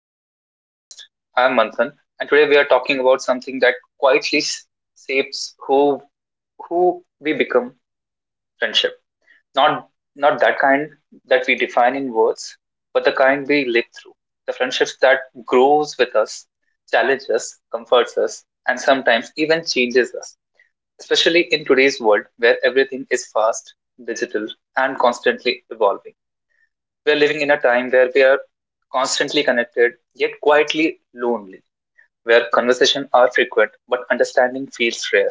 Welcome to the podcast. I'm Manthan, and today we are talking about something that quietly shapes who we become. Friendship, not not that kind that we define in words, but the kind we live through. The friendships that grows with us, challenges us, comforts us, and sometimes even changes us. Especially in today's world where everything is fast, digital, and constantly evolving. We're living in a time where we are constantly connected, yet quietly lonely, where conversations are frequent, but understanding feels rare.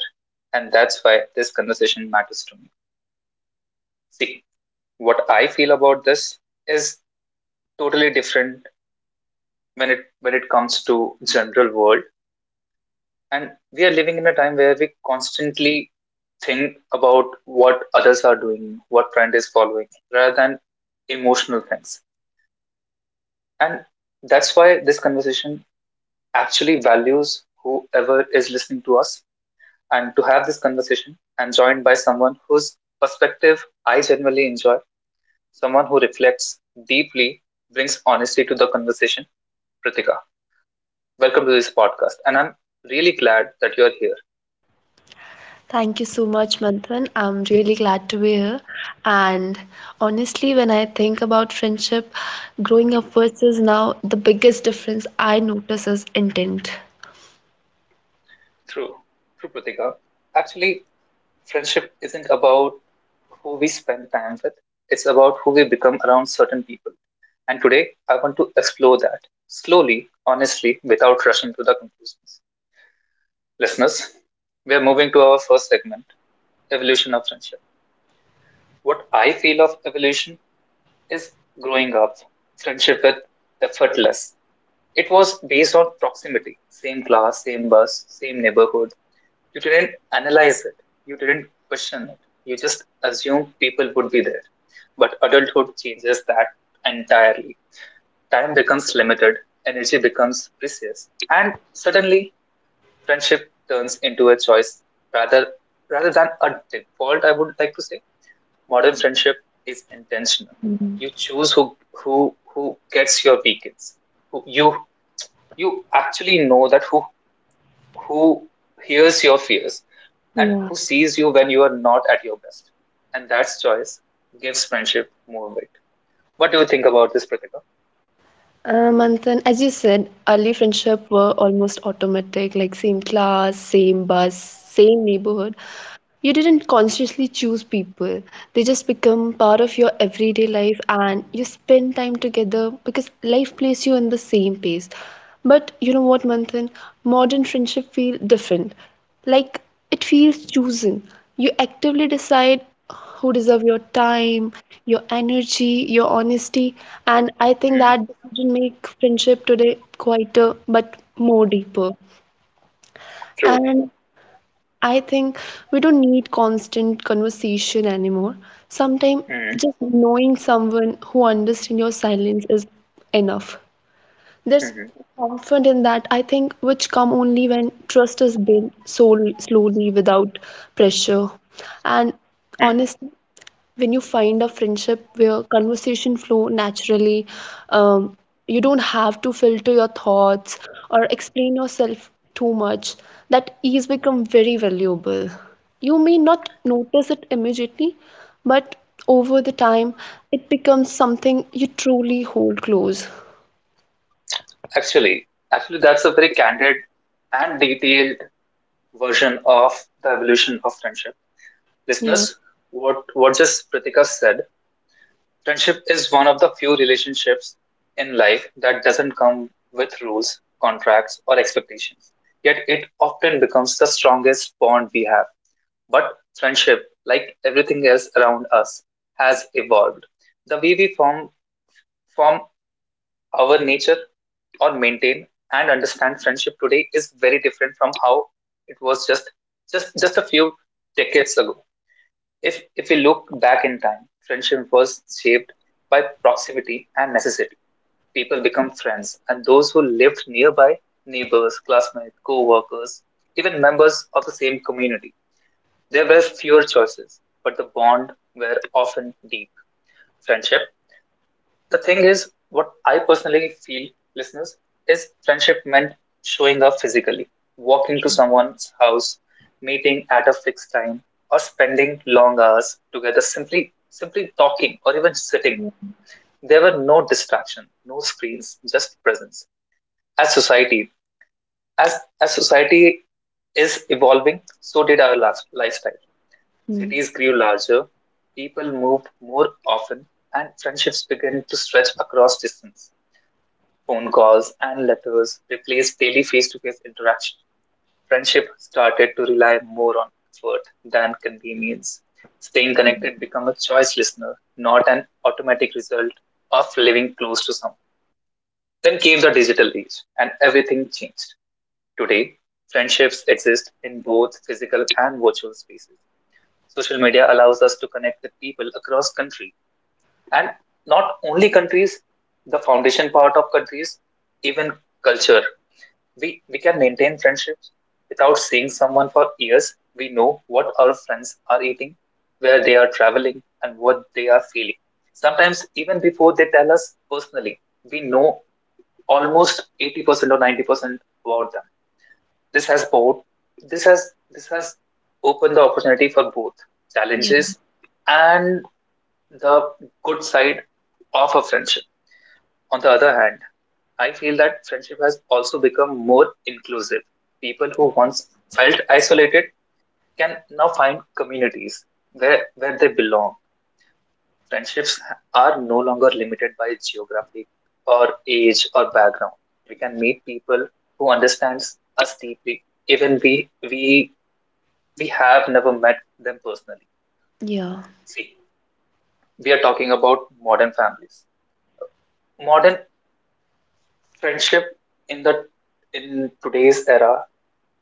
And that's why this conversation matters to me. See, what I feel about this is totally different when it comes to general world. And we are living in a time where we constantly think about what others are doing, what trend is following, rather than emotional things. And that's why this conversation actually values whoever is listening to us and to have this conversation and joined by someone whose perspective I genuinely enjoy, someone who reflects deeply, brings honesty to the conversation. Pratika, welcome to this podcast. And I'm really glad that you're here. Thank you so much, Manthan. I'm really glad to be here. And honestly, when I think about friendship, growing up versus now, the biggest difference I notice is intent. True, true, Pratika, actually, friendship isn't about who we spend time with, it's about who we become around certain people. And today, I want to explore that slowly, honestly, without rushing to the conclusions. Listeners, we are moving to our first segment, evolution of friendship. What I feel of evolution is growing up, friendship with effortless. It was based on proximity, same class, same bus, same neighborhood. You didn't analyze it, you didn't question it, you just assumed people would be there. But adulthood changes that entirely. Time becomes limited, energy becomes precious, and suddenly friendship turns into a choice rather rather than a default. I would like to say modern friendship is intentional. Mhm. You choose who gets your weekends. Who you actually know that who hears your fears and who Yeah. sees you when you are not at your best. And that choice gives friendship more weight. What do you think about this, Pratika? Manthan, as you said, early friendship were almost automatic, like same class, same bus, same neighborhood. You didn't consciously choose people. They just become part of your everyday life and you spend time together because life places you in the same pace. But you know what, Manthan? Modern friendship feel different. Like it feels chosen. You actively decide who deserve your time, your energy, your honesty. And I think that Mm, decision make friendship today quieter but more deeper. true. And I think we don't need constant conversation anymore. Sometimes Mm, just knowing someone who understands your silence is enough. There's hmm comfort in that, I think, which come only when trust is built so slowly without pressure. And honestly, when you find a friendship where conversation flow naturally, um, you don't have to filter your thoughts or explain yourself too much, that ease become very valuable. You may not notice it immediately, but over the time, it becomes something you truly hold close. Actually, actually, that's a very candid and detailed version of the evolution of friendship. Yeah. Listeners, what just Pritika said, friendship is one of the few relationships in life that doesn't come with rules, contracts, or expectations. Yet it often becomes the strongest bond we have. But friendship, like everything else around us, has evolved. The way we form our nature or maintain and understand friendship today is very different from how it was just a few decades ago. If we look back in time, friendship was shaped by proximity and necessity. People become friends and those who lived nearby, neighbors, classmates, co-workers, even members of the same community, there were fewer choices but the bond were often deep. Friendship, the thing is, what I personally feel, listeners, is friendship meant showing up physically, walking to someone's house, meeting at a fixed time, or spending long hours together simply talking or even sitting. Yeah. There were no distraction, no screens, just presence. As society, as society is evolving, so did our last lifestyle. Mm. Cities grew larger, people moved more often, and friendships began to stretch across distance. Phone calls and letters replaced daily face to face interaction. Friendship started to rely more on effort than convenience. Staying connected became a choice listener, not an automatic result of living close to someone. Then came the digital age, and everything changed. Today, friendships exist in both physical and virtual spaces. Social media allows us to connect with people across country and not only countries, the foundation part of countries, even culture, we can maintain friendships without seeing someone for years. We know what our friends are eating, where they are traveling, and what they are feeling. Sometimes even before they tell us personally, we know almost 80% or 90% about them. This has both this has opened the opportunity for both challenges and the good side of a friendship. On the other hand, I feel that friendship has also become more inclusive. People who once felt isolated can now find communities where they belong. Friendships are no longer limited by geography or age or background. We can meet people who understands us deeply, even we have never met them personally. Yeah. See, we are talking about modern families. Modern friendship in the in today's era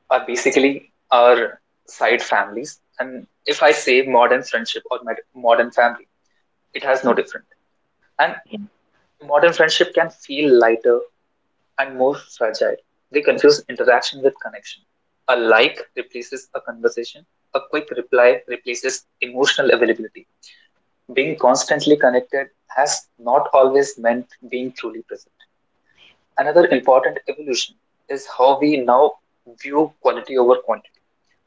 are basically our side families. And if I say modern friendship or modern family, it has no Yeah. different. And Yeah. modern friendship can feel lighter and more fragile. They confuse interaction with connection. A like replaces a conversation. A quick reply replaces emotional availability. Being constantly connected has not always meant being truly present. Another important evolution is how we now view quality over quantity.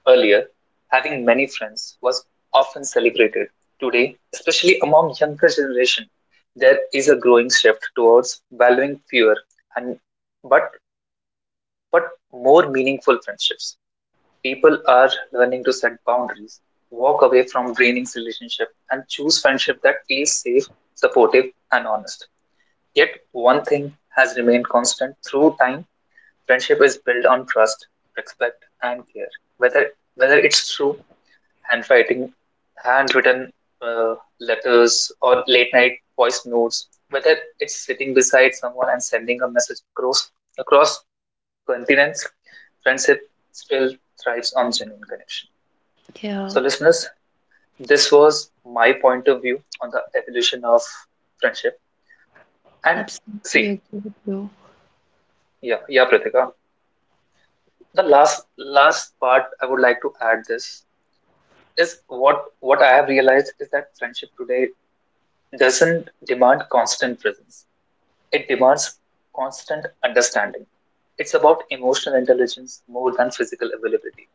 Earlier, having many friends was often celebrated. Today, especially among younger generation, there is a growing shift towards valuing fewer and but but more meaningful friendships. People are learning to set boundaries, walk away from draining relationship, and choose friendship that feels safe, supportive, and honest. Yet one thing has remained constant through time: friendship is built on trust, respect, and care. Whether whether it's through handwriting, handwritten letters, or late night voice notes, whether it's sitting beside someone and sending a message across continents, friendship still thrives on genuine connection. So, Yeah. listeners, this was my point of view on the evolution of friendship. And Absolutely see, agree with you. yeah, yeah, Pratika. The last part I would like to add this is what I have realized is that friendship today doesn't demand constant presence. It demands constant understanding. It's about emotional intelligence more than physical availability.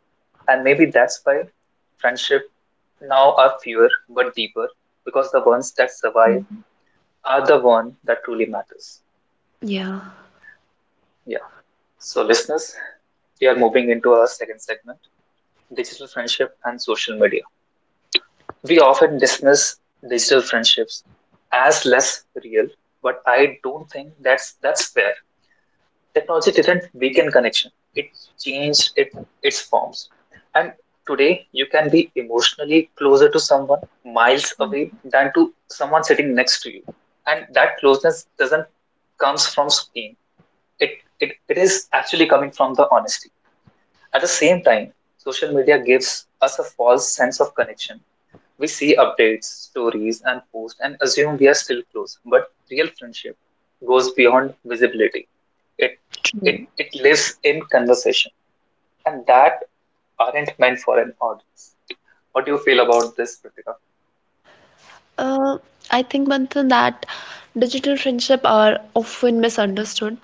And maybe that's why friendship now are fewer but deeper because the ones that survive Mm. are the one that truly matters. Yeah. Yeah. So listeners, we are moving into our second segment, digital friendship and social media. We often dismiss digital friendships as less real, but I don't think that's fair. Technology didn't weaken connection; it changed it, its forms. And today, you can be emotionally closer to someone miles away than to someone sitting next to you. And that closeness doesn't comes from screen. It, it is actually coming from the honesty. At the same time, social media gives us a false sense of connection, we see updates, stories, and posts and assume we are still close. But real friendship goes beyond visibility. It True. it lives in conversation, and that aren't meant for an audience. What do you feel about this, Pratika? Uh, I think, Manthan, that digital friendship are often misunderstood.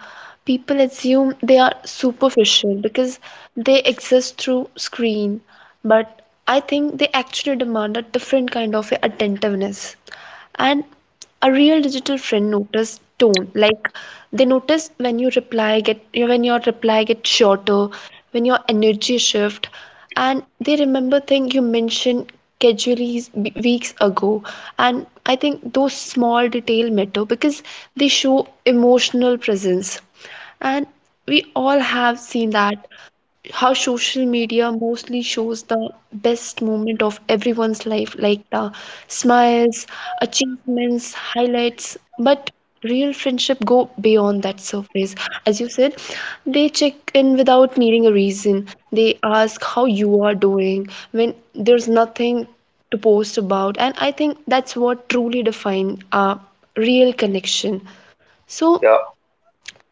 People assume they are superficial because they exist through screen, but I think they actually demand a different kind of attentiveness and a real digital friend notice tone, like they notice when you reply get when your reply gets shorter, when your energy shift, and they remember thing you mentioned casually weeks ago. And I think those small detail matter because they show emotional presence. And we all have seen that how social media mostly shows the best moment of everyone's life, like the smiles, achievements, highlights. But real friendship go beyond that surface. As you said, they check in without needing a reason. They ask how you are doing when there's nothing to post about, and I think that's what truly defines a real connection. So Yeah.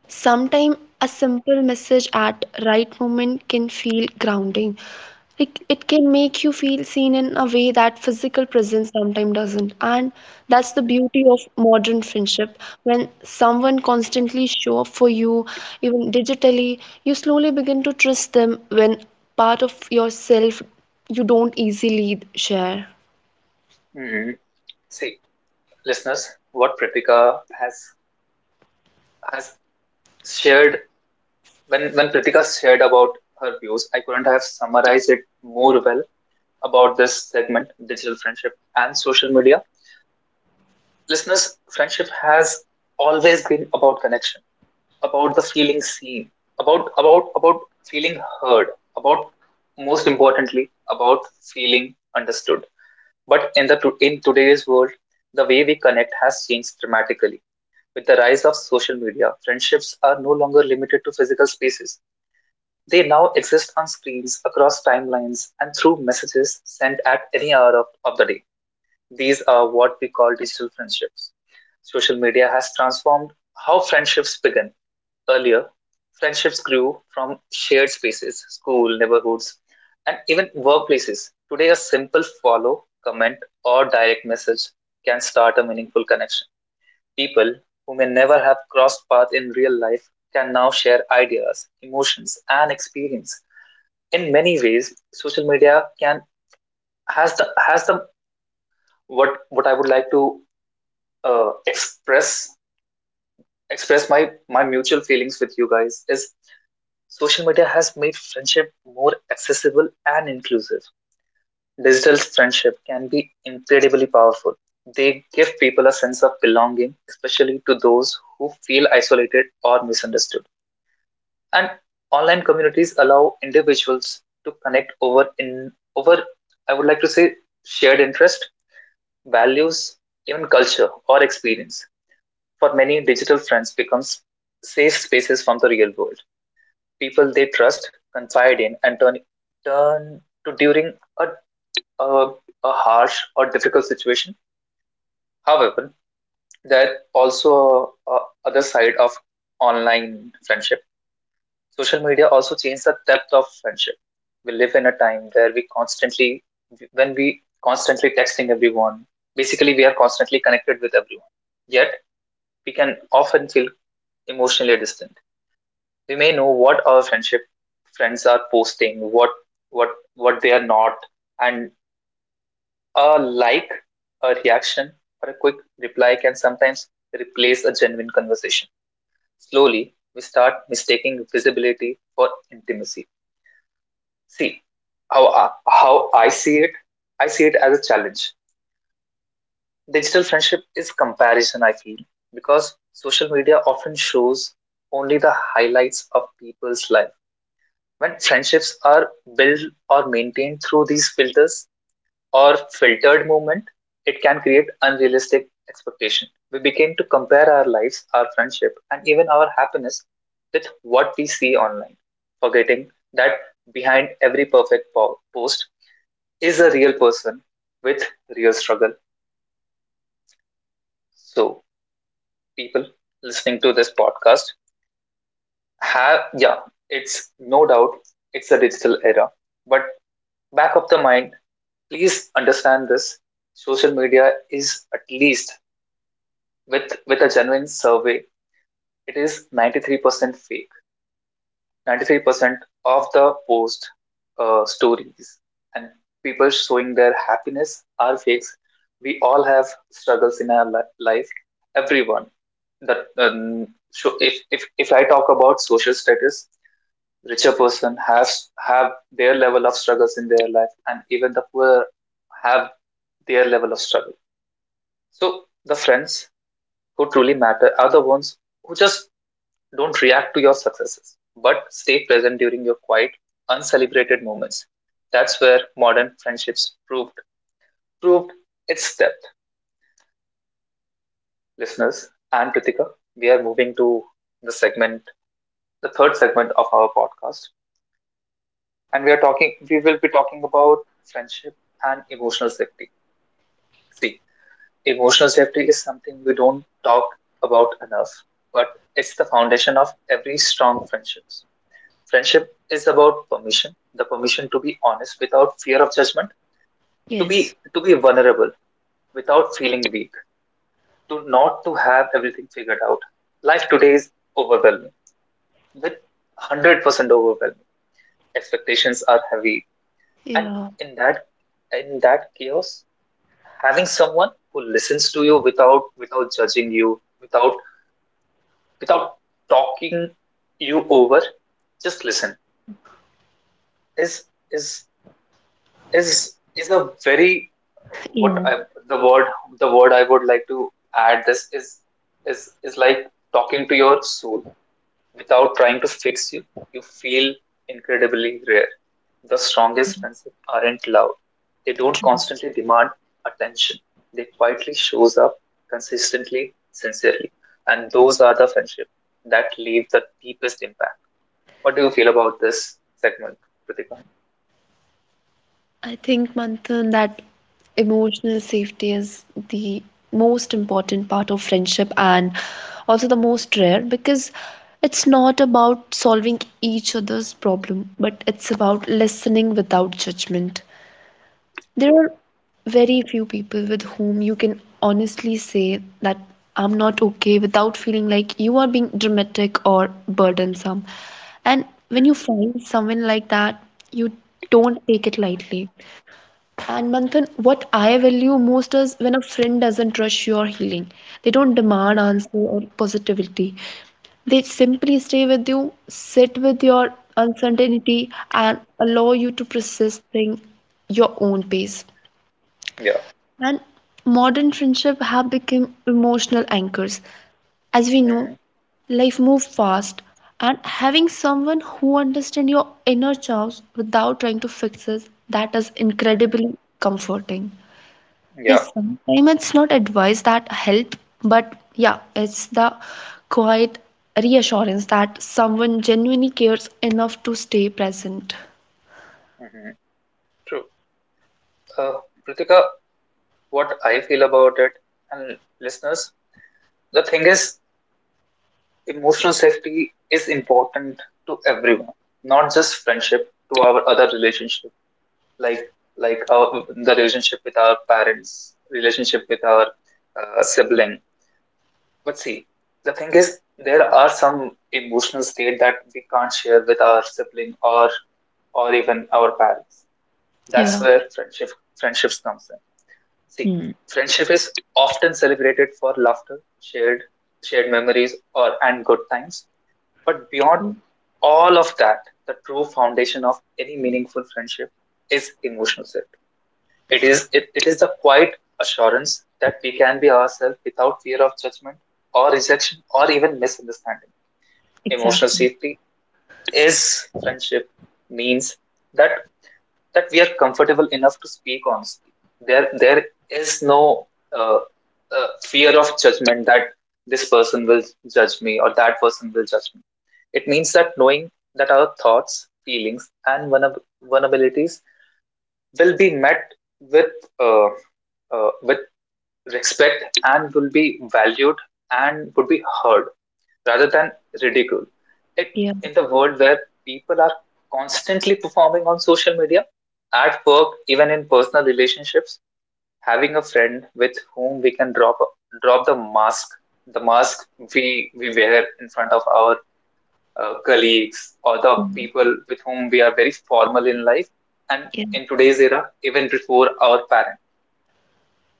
sometimes a simple message at right moment can feel grounding. Like it can make you feel seen in a way that physical presence sometimes doesn't. And that's the beauty hmm of modern friendship. When someone constantly show up for you, even digitally, you slowly begin to trust them when part of yourself you don't easily share. hmm See, listeners, what Pratika has shared, when Pratika shared about her views, I couldn't have summarized it more well about this segment, digital friendship and social media. Listeners, friendship has always been about connection, about the feeling seen, about feeling heard, about most importantly about feeling understood. But in the in today's world, the way we connect has changed dramatically. With the rise of social media, friendships are no longer limited to physical spaces. They now exist on screens, across timelines, and through messages sent at any hour of the day. These are what we call digital friendships. Social media has transformed how friendships begin. Earlier, friendships grew from shared spaces, school, neighborhoods, and even workplaces. Today, a simple follow, comment, or direct message can start a meaningful connection. People who may never have crossed paths in real life can now share ideas, emotions, and experience. In many ways, social media can has the what I would like to express my mutual feelings with you guys is social media has made friendship more accessible and inclusive. Digital friendship can be incredibly powerful. They give people a sense of belonging, especially to those who feel isolated or misunderstood. And online communities allow individuals to connect over I would like to say shared interest, values, even culture or experience. For many, digital friends becomes safe spaces from the real world. People they trust, confide in, and turn to during a, a, a harsh or difficult situation. However, there also a other side of online friendship. Social media also changed the depth of friendship. We live in a time where we constantly, when we constantly texting everyone, basically we are constantly connected with everyone. Yet we can often feel emotionally distant. We may know what our friends are posting, what they are not, and a like, a reaction, or a quick reply can sometimes replace a genuine conversation. Slowly, we start mistaking visibility for intimacy. See, how how I see it. I see it as a challenge. Digital friendship is comparison. I feel because social media often shows only the highlights of people's life, when friendships are built or maintained through these filters or filtered movement, it can create unrealistic expectation. We begin to compare our lives, our friendship, and even our happiness with what we see online, forgetting that behind every perfect post is a real person with real struggle. So, people listening to this podcast have, yeah, it's no doubt it's a digital era, but back of the mind, please understand this, social media is at least with a genuine survey, it is 93% fake. 93% of the post, stories, and people showing their happiness are fakes. We all have struggles in our life, everyone. That um, so if, if if i talk about social status, richer person has, have their level of struggles in their life, and even the poor have their level of struggle. So the friends who truly matter are the ones who just don't react to your successes, but stay present during your quiet, uncelebrated moments. That's where modern friendships proved its depth. Listeners, I am Prithika. We are moving to the segment, the third segment of our podcast, and we are talking. We will be talking about friendship and emotional safety. See, emotional safety is something we don't talk about enough, but it's the foundation of every strong friendships. Friendship is about permission, the permission to be honest without fear of judgment, to Yes. be to be vulnerable without feeling weak, to not to have everything figured out. Life today is overwhelming, with 100% overwhelming. Expectations are heavy, and Yeah. in that in that chaos, having someone who listens to you without judging you, without talking you over, just listen is is is a very, what Yeah. I, the word I would like to add this is like talking to your soul without trying to fix you. You feel incredibly rare. The strongest friendships aren't loud. They don't True. constantly demand attention. They quietly shows up, consistently, sincerely, and those are the friendships that leave the deepest impact. What do you feel about this segment, Pratika? I think, Manthan, that emotional safety is the most important part of friendship and also the most rare because it's not about solving each other's problem, but it's about listening without judgment. There True. are very few people with whom you can honestly say that I'm not okay without feeling like you are being dramatic or burdensome. And when you Mm-hmm. find someone like that, you don't take it lightly. And Manthan, what I value most is when a friend doesn't rush your healing. They don't demand Mm-hmm. answer or positivity. They simply stay with you, sit with your uncertainty, and allow you to process things your own pace. Yeah. And modern friendship have become emotional anchors. As we Mm-hmm. know, life moves fast, and having someone who understands your inner chaos without trying to fix it, that is Mm-hmm. incredibly comforting. Yeah. Yes, sometimes it's not advice that help, but yeah, it's the quiet reassurance that someone genuinely cares enough to stay present. Mm-hmm. True. Uh, Pritika, what I feel about it, and listeners, the thing is, emotional safety is important to everyone, not just friendship, to our other relationship, like like our the relationship with our parents, relationship with our sibling. But see, the thing is, there are some emotional state that we can't share with our sibling or even our parents. That's Yeah. where friendships comes in. See, Hmm. friendship is often celebrated for laughter, shared memories, or and good times. But beyond Mm. all of that, the true foundation of any meaningful friendship is emotional safety. It is the quiet assurance that we can be ourselves without fear of judgment or rejection or even misunderstanding. Emotional Exactly. safety is friendship means that that we are comfortable enough to speak honestly. There is no uh, fear of judgment, that this person will judge me or that person will judge me. It means that knowing that our thoughts, feelings, and vulnerabilities will be met with uh, with respect, and will be valued and would be heard rather than ridicule. It, Yeah. in the world where people are constantly performing on social media, at work, even in personal relationships, having a friend with whom we can drop the mask we wear in front of our colleagues, or the Mm. people with whom we are very formal in life, and Yeah. in today's era, even before our parents,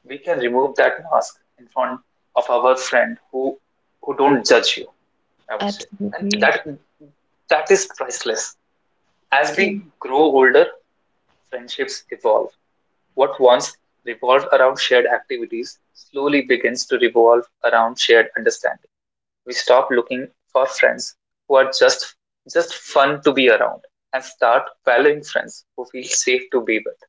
we can remove that mask in front of our friend who don't judge you, I would say, and Absolutely. that is priceless. As we Yeah. grow older, friendships evolve. What once revolved around shared activities slowly begins to revolve around shared understanding. We stop looking for friends who are just fun to be around, and start valuing friends who feel safe to be with,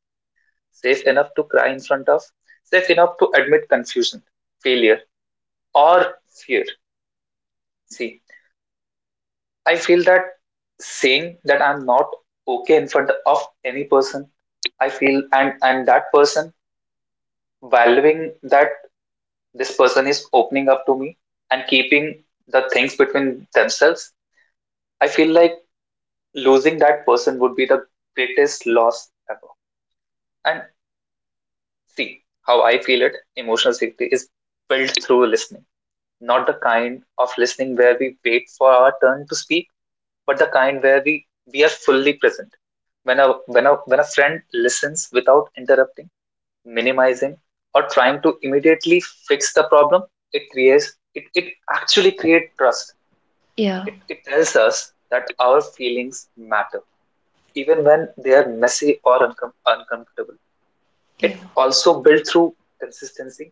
safe enough to cry in front of, safe enough to admit confusion, failure, or fear. See, I feel that saying that I'm not okay in front of any person, I feel, and that person valuing that this person is opening up to me and keeping the things between themselves, I feel like losing that person would be the greatest loss ever. And see how I feel it, emotional safety is built through listening, not the kind of listening where we wait for our turn to speak, but the kind where we are fully present. When a when a when a friend listens without interrupting, minimizing, or trying to immediately fix the problem, it creates, it actually creates trust. Yeah. It tells us that our feelings matter, even when they are messy or uncomfortable. It Yeah. also built through consistency.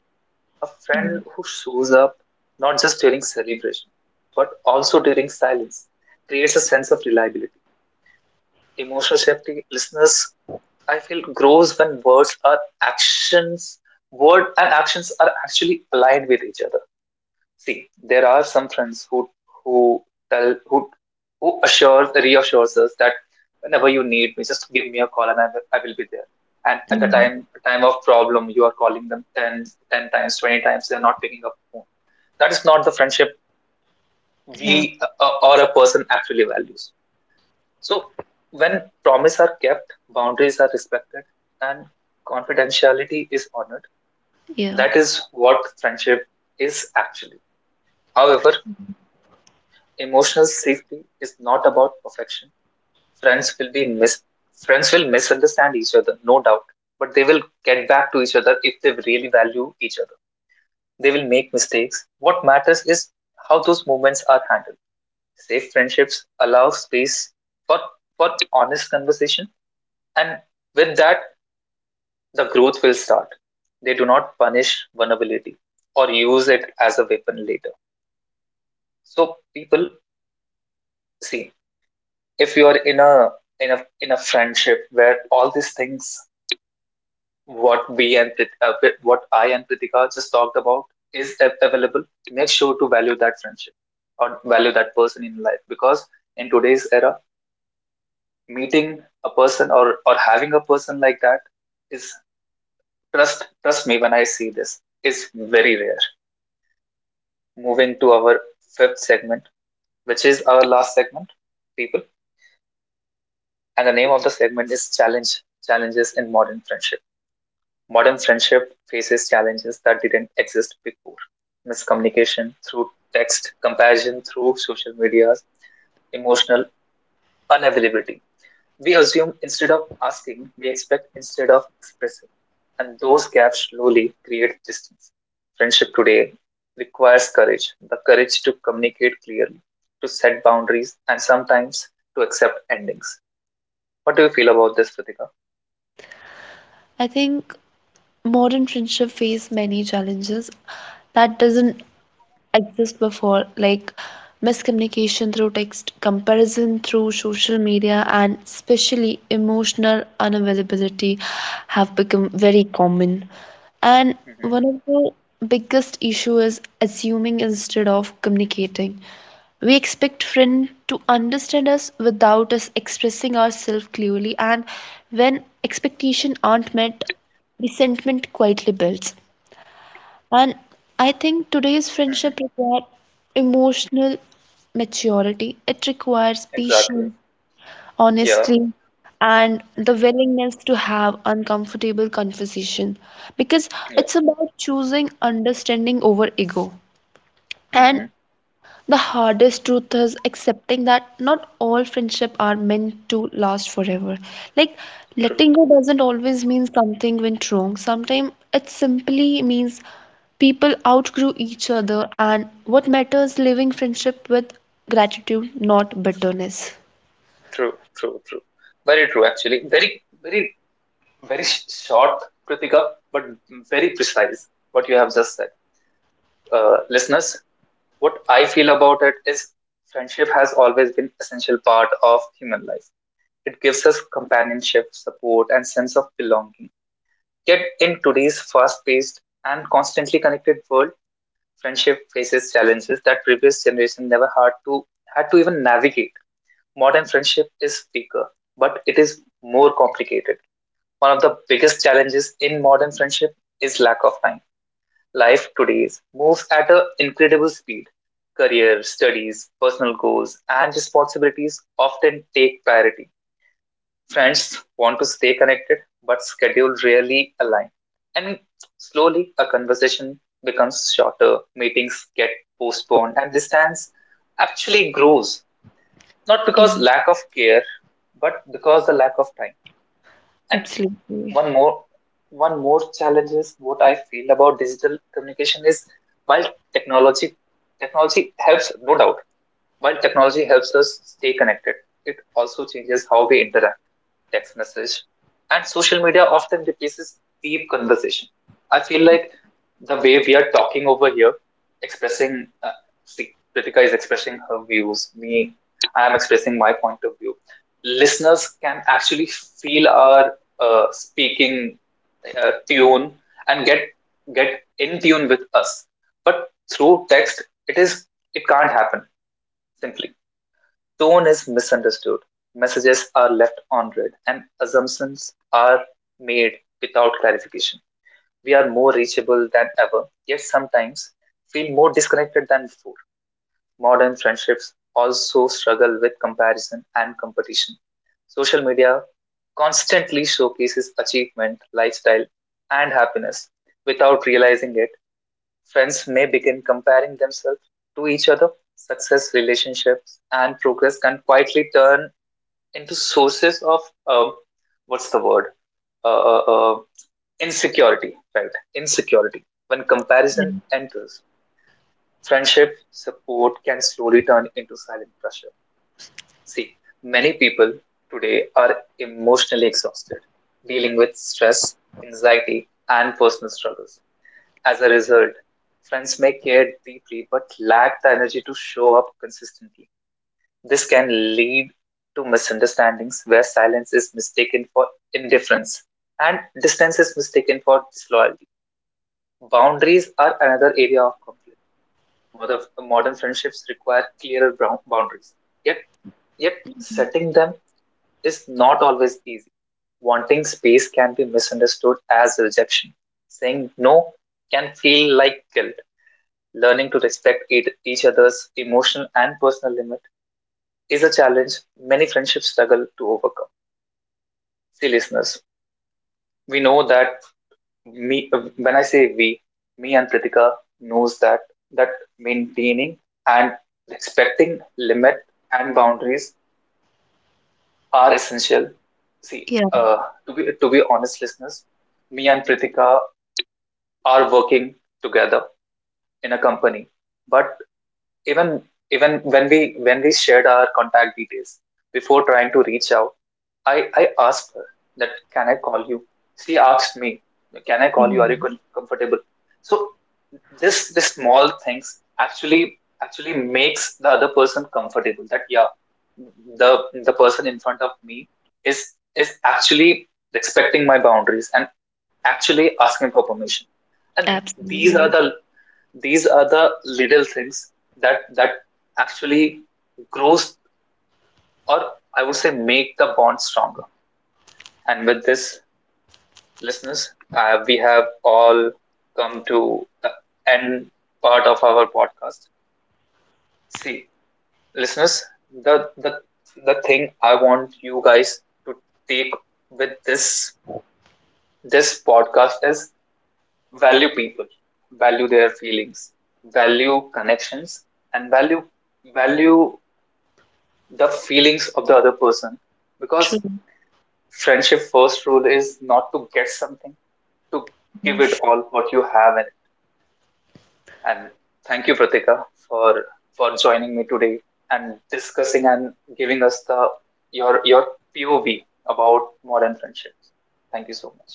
A friend Yeah. who shows up not just during celebration but also during silence creates a sense of reliability. Emotional safety, listeners, I feel grows when words are actions, word and actions are actually aligned with each other. See, there are some friends who tell who assures reassures us that whenever you need me, just give me a call and I will be there. And at the Mhm. time of problem, you are calling them ten times, 20 times, they are not picking up the phone. That is not the friendship Yeah. we or a person actually values. So, when promises are kept, boundaries are respected, and confidentiality is honored, Yeah. that is what friendship is actually. However, emotional safety is not about perfection. Friends will be mis- Friends will misunderstand each other, no doubt, but they will get back to each other if they really value each other. They will make mistakes. What matters is how those moments are handled. Safe friendships allow space for, for honest conversation, and with that the growth will start. They do not punish vulnerability or use it as a weapon later. So people, see, if you are in a friendship where all these things what we and uh, what I and Pritika just talked about is available, make sure to value that friendship or value that person in life, because in today's era, meeting a person or having a person like that is, trust me when I see this, is very rare. Moving to our fifth segment, which is our last segment, people. And the name of the segment is Challenges in Modern Friendship. Modern friendship faces challenges that didn't exist before: miscommunication through text, comparison through social media, emotional unavailability. We assume instead of asking, we expect instead of expressing. And those gaps slowly create distance. Friendship today requires courage, the courage to communicate clearly, to set boundaries, and sometimes to accept endings. What do you feel about this, Pratika? I think modern friendship face many challenges that doesn't exist before, like miscommunication through text, comparison through social media, and especially emotional unavailability have become very common. And Mm-hmm. one of the biggest issue is assuming instead of communicating. We expect friend to understand us without us expressing ourselves clearly, and when expectations aren't met, resentment quietly builds. And I think today's Mm-hmm. friendship requires emotional maturity. It requires Exactly. patience, Yeah. honesty, and the Mm-hmm. willingness to have uncomfortable conversation because Yeah. it's about choosing understanding over ego. And Mm-hmm. the hardest truth is accepting that not all friendship are meant to last forever. Like True. letting go doesn't always mean something went wrong. Sometimes it simply means people outgrew each other and what matters living friendship with gratitude, not bitterness. True. True. True. Very true, actually. Very, very, very short, Pratika, but very precise what you have just said. Listeners, what I feel about it is friendship has always been an essential part of human life. It gives us companionship, support, and sense of belonging. Yet in today's fast-paced and constantly connected world, friendship faces challenges that previous generation never had to even navigate. Modern friendship is weaker, but it is more complicated. One of the biggest challenges in modern friendship is lack of time. Life today moves at an incredible speed. Career, studies, personal goals, and responsibilities often take priority. Friends want to stay connected, but schedule rarely align. And slowly, a conversation becomes shorter, meetings get postponed, and distance actually grows. Not Yeah, because lack of care, but because the lack of time. And absolutely. one more one more challenge is what I feel about digital communication is, while technology technology helps, no doubt, while technology helps us stay connected, it also changes how we interact. Text message and social media often replaces deep conversation. I feel like the way we are talking over here, expressing, see, Kritika is expressing her views, me, I am expressing my point of view. Listeners can actually feel our speaking tune, and get in tune with us. But through text, it is, it can't happen simply. Tone is misunderstood, messages are left unread, and assumptions are made without clarification. We are more reachable than ever, yet sometimes feel more disconnected than before. Modern friendships also struggle with comparison and competition. Social media constantly showcases achievement, lifestyle, and happiness. Without realizing it, friends may begin comparing themselves to each other. Success, relationships, and progress can quietly turn into sources of um, what's the word? Uh, uh, uh, Insecurity, right? Insecurity. When comparison enters, friendship support can slowly turn into silent pressure. See, many people today are emotionally exhausted, dealing with stress, anxiety, and personal struggles. As a result, friends may care deeply but lack the energy to show up consistently. This can lead to misunderstandings where silence is mistaken for indifference and distance is mistaken for disloyalty. Boundaries are another area of conflict. Modern, Modern friendships require clearer boundaries, yet, yet setting them is not always easy. Wanting space can be misunderstood as rejection. Saying no can feel like guilt. Learning to respect each other's emotional and personal limit is a challenge many friendships struggle to overcome. See, listeners, we know that me, when I say we, me and Pritika knows that maintaining and respecting limit and boundaries are essential. See, Yeah. to be honest, listeners, me and Pritika are working together in a company, but even even when we shared our contact details, before trying to reach out, I asked her that can I call you, she asked me can I Yeah, call you, are you comfortable. So this small things actually, actually makes the other person comfortable, that yeah, the the person in front of me is is actually respecting my boundaries and actually asking for permission. And these are absolutely. the, these are the little things that actually grows, or I would say make the bond stronger. And with this, listeners, we have all come to the end part of our podcast. See, listeners, the the the thing I want you guys to take with this this podcast is, value people, value their feelings, value connections, and value, value the feelings of the other person, because True. friendship first rule is not to get something, to give it Yes. all what you have. And thank you, Pratika, for for joining me today and discussing and giving us the your POV about modern friendships. Thank you so much.